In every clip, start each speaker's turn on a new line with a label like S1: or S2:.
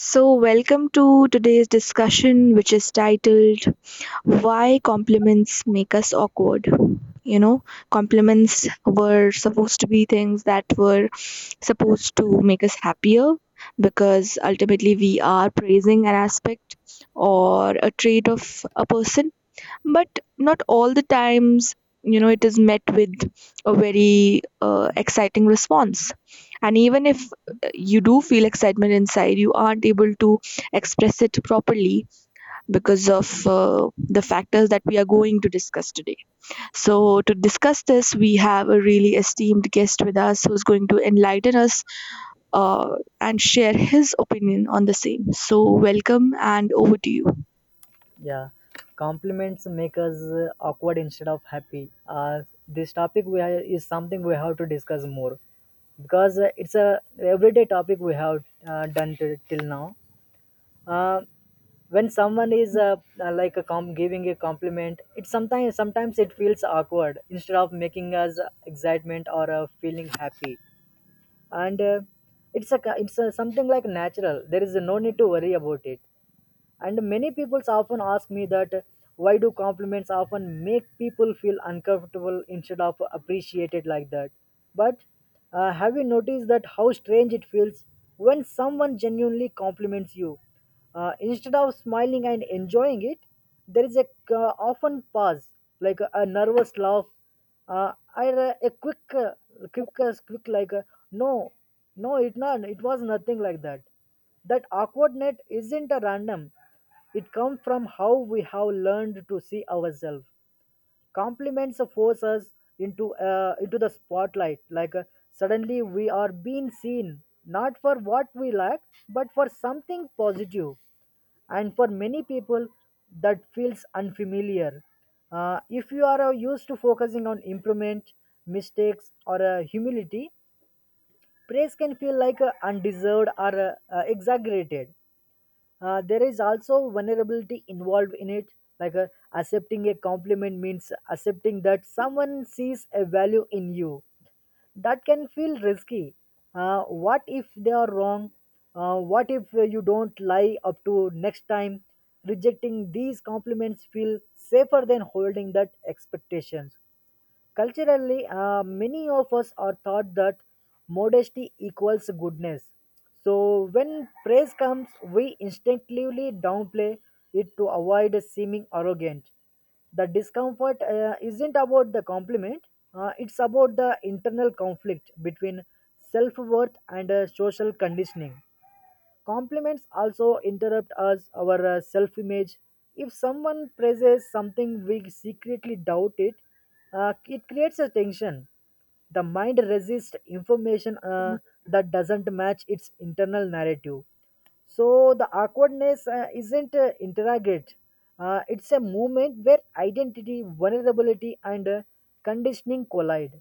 S1: So, welcome to today's discussion, which is titled Why Compliments Make Us Awkward. You know, compliments were supposed to be things that were supposed to make us happier because ultimately we are praising an aspect or a trait of a person, but not all the times you know it is met with a very exciting response. And even if you do feel excitement inside, you aren't able to express it properly because of the factors that we are going to discuss today. So to discuss this, we have a really esteemed guest with us who's going to enlighten us, and share his opinion on the same. So welcome and over to you.
S2: Yeah, compliments make us awkward instead of happy. This topic is something we have to discuss more because it's a everyday topic we have done till now. Uh, when someone is like a giving a compliment, it sometimes it feels awkward instead of making us excitement or feeling happy. And it's a something like natural. There is no need to worry about it, and many people often ask me that why do compliments often make people feel uncomfortable instead of appreciated like that. But have you noticed that how strange it feels when someone genuinely compliments you? Uh, instead of smiling and enjoying it, there is a often pause, like a nervous laugh, or a quick quick, like no, no it not, it was nothing like that. That awkwardness isn't a random. It comes from how we have learned to see ourselves. Compliments force us into the spotlight. Like suddenly we are being seen not for what we lack, but for something positive. And for many people that feels unfamiliar. If you are used to focusing on improvement, mistakes or humility, praise can feel like undeserved or exaggerated. There is also vulnerability involved in it, like accepting a compliment means accepting that someone sees a value in you. That can feel risky. What if they are wrong? What if you don't lie up to next time? Rejecting these compliments feel safer than holding that expectations. Culturally, many of us are taught that modesty equals goodness. So, when praise comes, we instinctively downplay it to avoid seeming arrogant. The discomfort isn't about the compliment, it's about the internal conflict between self worth and social conditioning. Compliments also interrupt us our self image. If someone praises something we secretly doubt it, it creates a tension. The mind resists information that doesn't match its internal narrative. So the awkwardness isn't interrogate, it's a moment where identity, vulnerability and conditioning collide.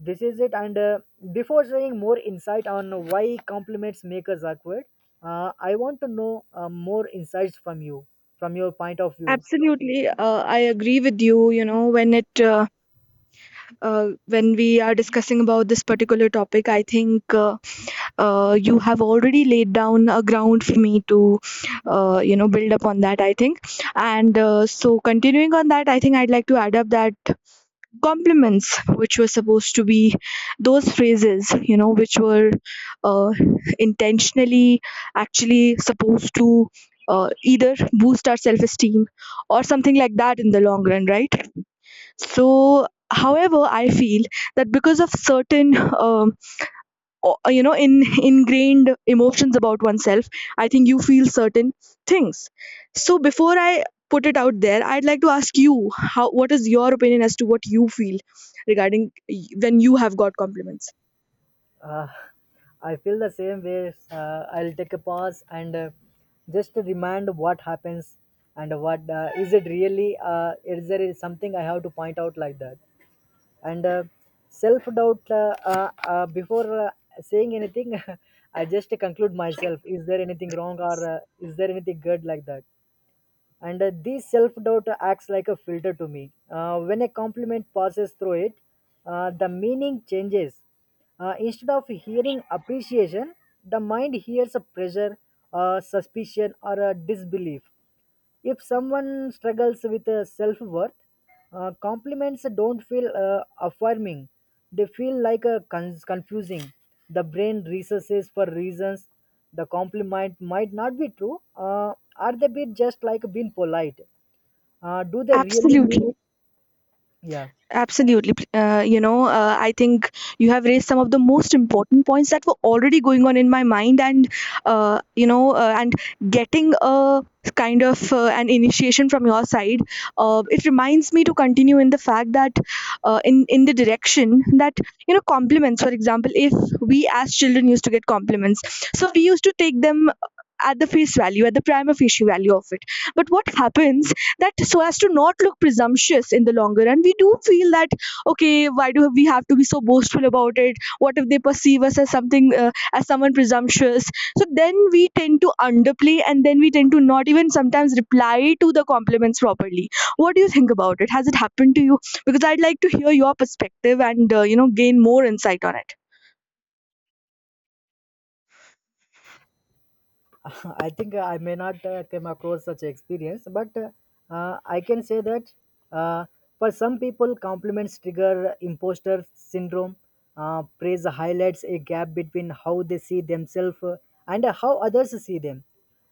S2: This is it, and before sharing more insight on why compliments make us awkward, I want to know more insights from you, from your point of view.
S1: Absolutely, I agree with you. You know, when it when we are discussing about this particular topic, I think, you have already laid down a ground for me to, you know, build upon that. I think, and so continuing on that, I think I'd like to add up that compliments which were supposed to be those phrases, you know, which were uh, intentionally actually supposed to either boost our self esteem or something like that in the long run, right? So however, I feel that because of certain um, or, you know, in ingrained emotions about oneself, I think you feel certain things. So before I put it out there, I'd like to ask you how, what is your opinion as to what you feel regarding when you have got compliments.
S2: uh, I feel the same way. I'll take a pause and just to remind what happens and what is it really, is there something I have to point out like that. And self doubt, before saying anything, I just conclude myself, is there anything wrong or is there anything good like that? And this self doubt acts like a filter to me. When a compliment passes through it, the meaning changes. Instead of hearing appreciation, the mind hears a pressure, suspicion or a disbelief. If someone struggles with self worth, compliments don't feel affirming. They feel like a confusing. The brain researches for reasons the compliment might not be true. Are they being just like being polite? Do they really mean
S1: Absolutely.
S2: it? Yeah.
S1: Absolutely. You know, I think you have raised some of the most important points that were already going on in my mind, and you know, and getting a kind of an initiation from your side, it reminds me to continue in the fact that in the direction that, you know, compliments. For example, if we as children used to get compliments, so we used to take them at the face value, at the prima facie value of it. But what happens that so as to not look presumptuous in the longer run, we do feel that okay, why do we have to be so boastful about it? What if they perceive us as something, as someone presumptuous? So then we tend to underplay and then we tend to not even sometimes reply to the compliments properly. What do you think about it? Has it happened to you? Because I'd like to hear your perspective and you know, gain more insight on it.
S2: I think I may not come across such experience, but I can say that uh, for some people, compliments trigger imposter syndrome. Praise highlights a gap between how they see themselves and how others see them.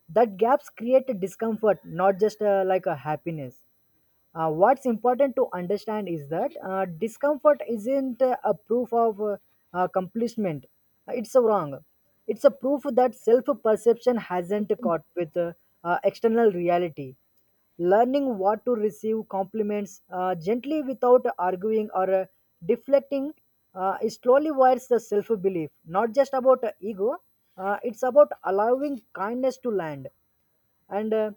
S2: That gaps create discomfort, not just like a happiness. What's important to understand is that discomfort isn't a proof of accomplishment. It's a wrong. It's a proof that self perception hasn't caught with external reality. Learning what to receive compliments gently without arguing or deflecting, it slowly wires the self belief. Not just about ego, it's about allowing kindness to land. And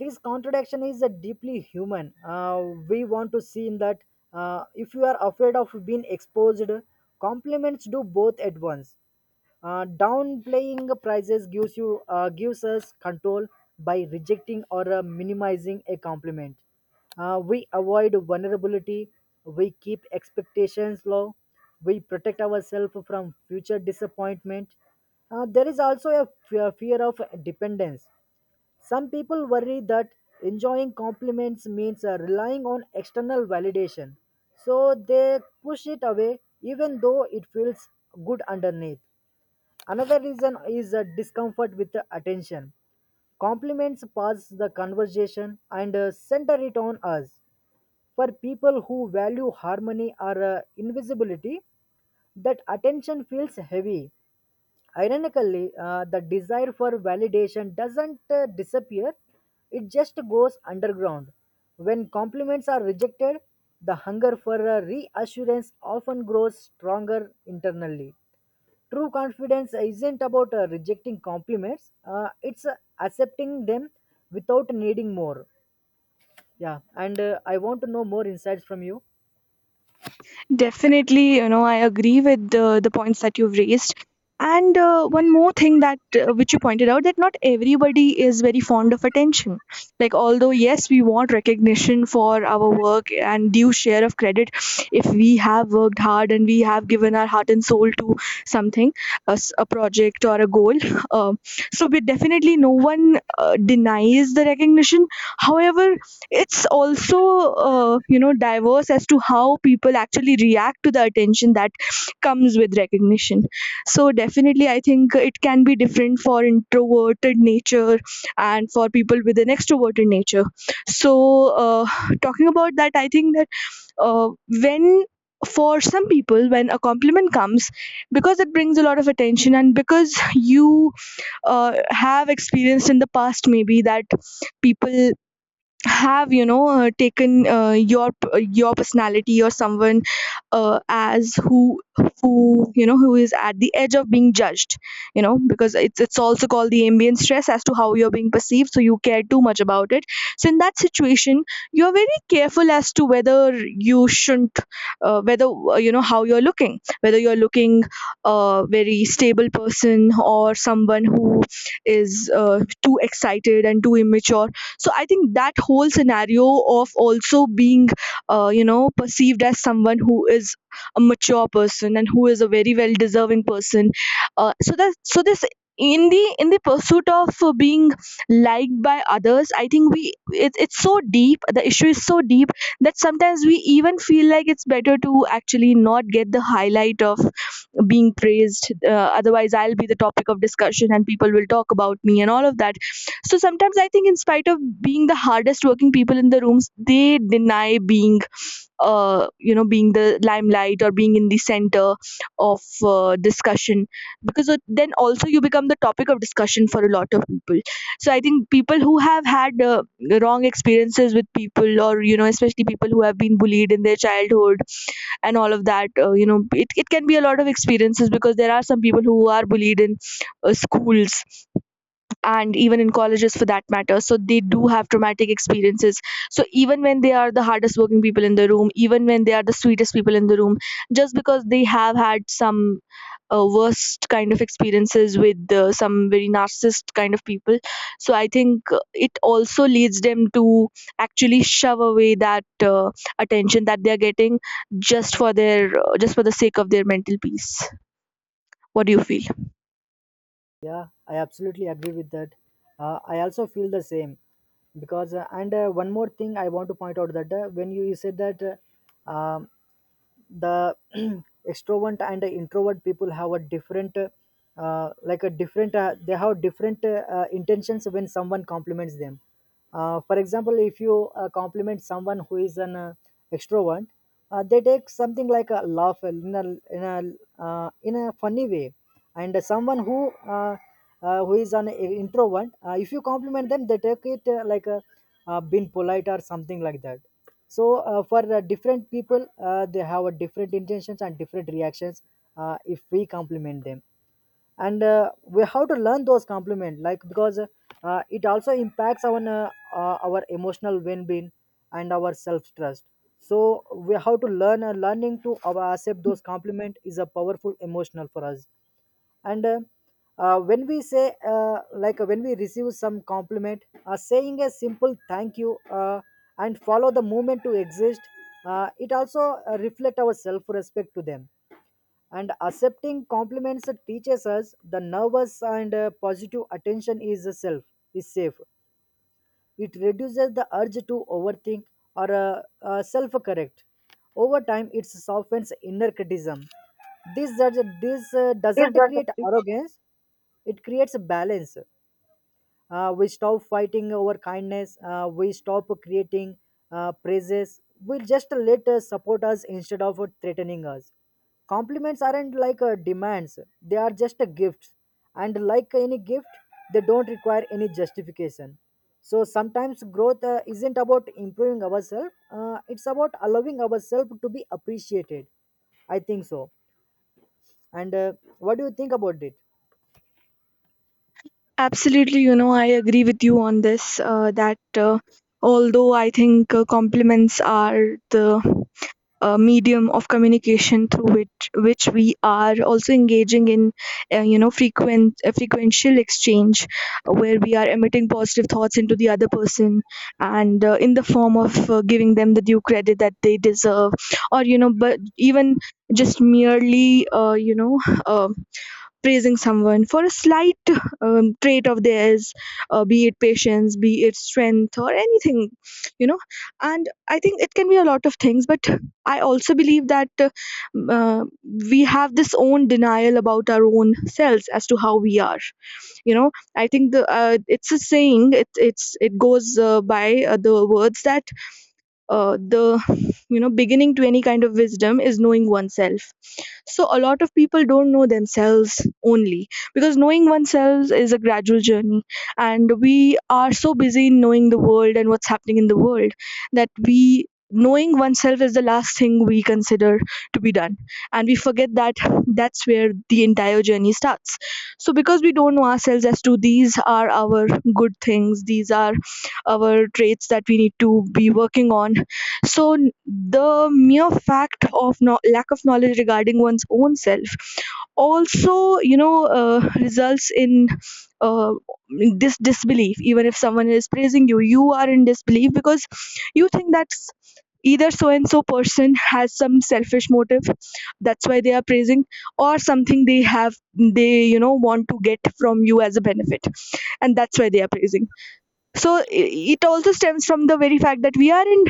S2: this contradiction is deeply human. We want to see in that. If you are afraid of being exposed, compliments do both at once. Downplaying prices gives you gives us control. By rejecting or minimizing a compliment, we avoid vulnerability, we keep expectations low, we protect ourselves from future disappointment. There is also a fear of dependence. Some people worry that enjoying compliments means relying on external validation, so they push it away even though it feels good underneath. Another reason is discomfort with attention. Compliments pass the conversation and center it on us. For people who value harmony or invisibility, that attention feels heavy. Ironically, the desire for validation doesn't disappear, it just goes underground. When compliments are rejected, the hunger for reassurance often grows stronger internally. True confidence isn't about rejecting compliments, it's accepting them without needing more. Yeah, and I want to know more insights from you.
S1: Definitely, you know, I agree with the points that you've raised. And one more thing that which you pointed out, that not everybody is very fond of attention. Like although yes, we want recognition for our work and due share of credit if we have worked hard and we have given our heart and soul to something, a, a project or a goal. Um, so we definitely, no one denies the recognition. However, it's also you know, diverse as to how people actually react to the attention that comes with recognition. So definitely, I think it can be different for introverted nature and for people with an extroverted nature. So uh, talking about that, I think that uh, when, for some people, when a compliment comes, because it brings a lot of attention and because you have experienced in the past maybe that people have, you know, taken your your personality or someone as who, you know, who is at the edge of being judged, you know, because it's also called the ambient stress as to how you're being perceived, so you care too much about it. So in that situation, you're very careful as to whether you shouldn't whether, you know, how you're looking, whether you're looking a very stable person or someone who is too excited and too immature. So I think that whole scenario of also being you know, perceived as someone who is a mature person and who is a very well deserving person, so that, so this, in the pursuit of being liked by others, I think we, it, it's so deep, the issue is so deep that sometimes we even feel like it's better to actually not get the highlight of being praised, otherwise I'll be the topic of discussion and people will talk about me and all of that. So sometimes I think, in spite of being the hardest working people in the rooms, they deny being, you know, being the limelight or being in the center of discussion, because then also you become the topic of discussion for a lot of people. So I think people who have had wrong experiences with people or, you know, especially people who have been bullied in their childhood and all of that, you know, it can be a lot of experiences because there are some people who are bullied in schools and even in colleges for that matter. So they do have traumatic experiences. So even when they are the hardest working people in the room, even when they are the sweetest people in the room, just because they have had some worst kind of experiences with some very narcissist kind of people. So I think it also leads them to actually shove away that attention that they are getting just for their just for the sake of their mental peace. What do you feel?
S2: Yeah, I absolutely agree with that. I also feel the same because and one more thing I want to point out that when you said that uh, um, the extrovert and the introvert people have a different like a different they have different intentions when someone compliments them. For example, if you compliment someone who is an extrovert, they take something like a laugh in a in a, in a funny way. And someone who is an introvert, if you compliment them they take it like a being polite or something like that. So for different people they have a different intentions and different reactions if we compliment them. And we have to learn those compliment like because it also impacts our emotional well-being and our self-trust. So we have to learning to accept those compliment is a powerful emotional for us. And when we say like when we receive some compliment, saying a simple thank you and follow the movement to exist, it also reflect our self respect to them. And accepting compliments teaches us the nervous and positive attention is a self is safe. It reduces the urge to overthink or self correct. Over time, it softens inner criticism. This doesn't create arrogance, it creates a balance. We stop fighting over kindness. We stop creating praises. We just let us support us instead of threatening us. Compliments aren't like demands, they are just a gift. And like any gift, they don't require any justification. So sometimes growth isn't about improving ourselves, it's about allowing ourselves to be appreciated. I think so. And what do you think about it?
S1: Absolutely, you know, I agree with you on this. That although I think compliments are the medium of communication through which we are also engaging in, you know, frequent frequential exchange, where we are emitting positive thoughts into the other person, and in the form of giving them the due credit that they deserve, or you know, but even just merely, you know. Uh, Praising someone for a slight trait of theirs, be it patience, be it strength or anything, you know. And I think it can be a lot of things, but I also believe that m- uh, we have this own denial about our own selves as to how we are, you know. I think the it's a saying, it, it's, it goes by the words that the, you know, beginning to any kind of wisdom is knowing oneself. So a lot of people don't know themselves only, because knowing oneself is a gradual journey and we are so busy in knowing the world and what's happening in the world, that we, knowing oneself is the last thing we consider to be done. And we forget that that's where the entire journey starts. So because we don't know ourselves as to these are our good things, these are our traits that we need to be working on. So the mere fact of lack of knowledge regarding one's own self also, you know, results in uh, this disbelief, even if someone is praising you, you are in disbelief because you think that's either so and so person has some selfish motive, that's why they are praising, or something they have, they, you know, want to get from you as a benefit, and that's why they are praising. So it also stems from the very fact that we are in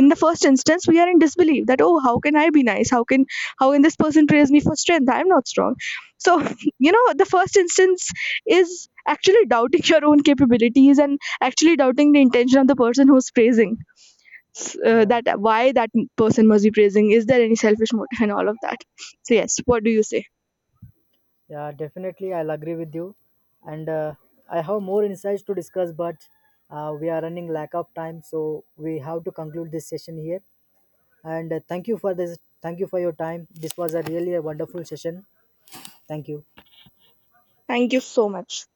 S1: in the first instance, we are in disbelief, that oh, how can I be nice, how can, how can this person praise me for strength, I'm not strong. So you know, the first instance is actually doubting your own capabilities and actually doubting the intention of the person who's praising.
S2: Yeah.
S1: That why that person must be praising, is there any selfish motive and all of that? So yes, what do you say?
S2: Yeah, definitely, I'll agree with you. And I have more insights to discuss, but we are running lack of time, so we have to conclude this session here. And thank you for this. Thank you for your time. This was a really a wonderful session. Thank you.
S1: Thank you so much.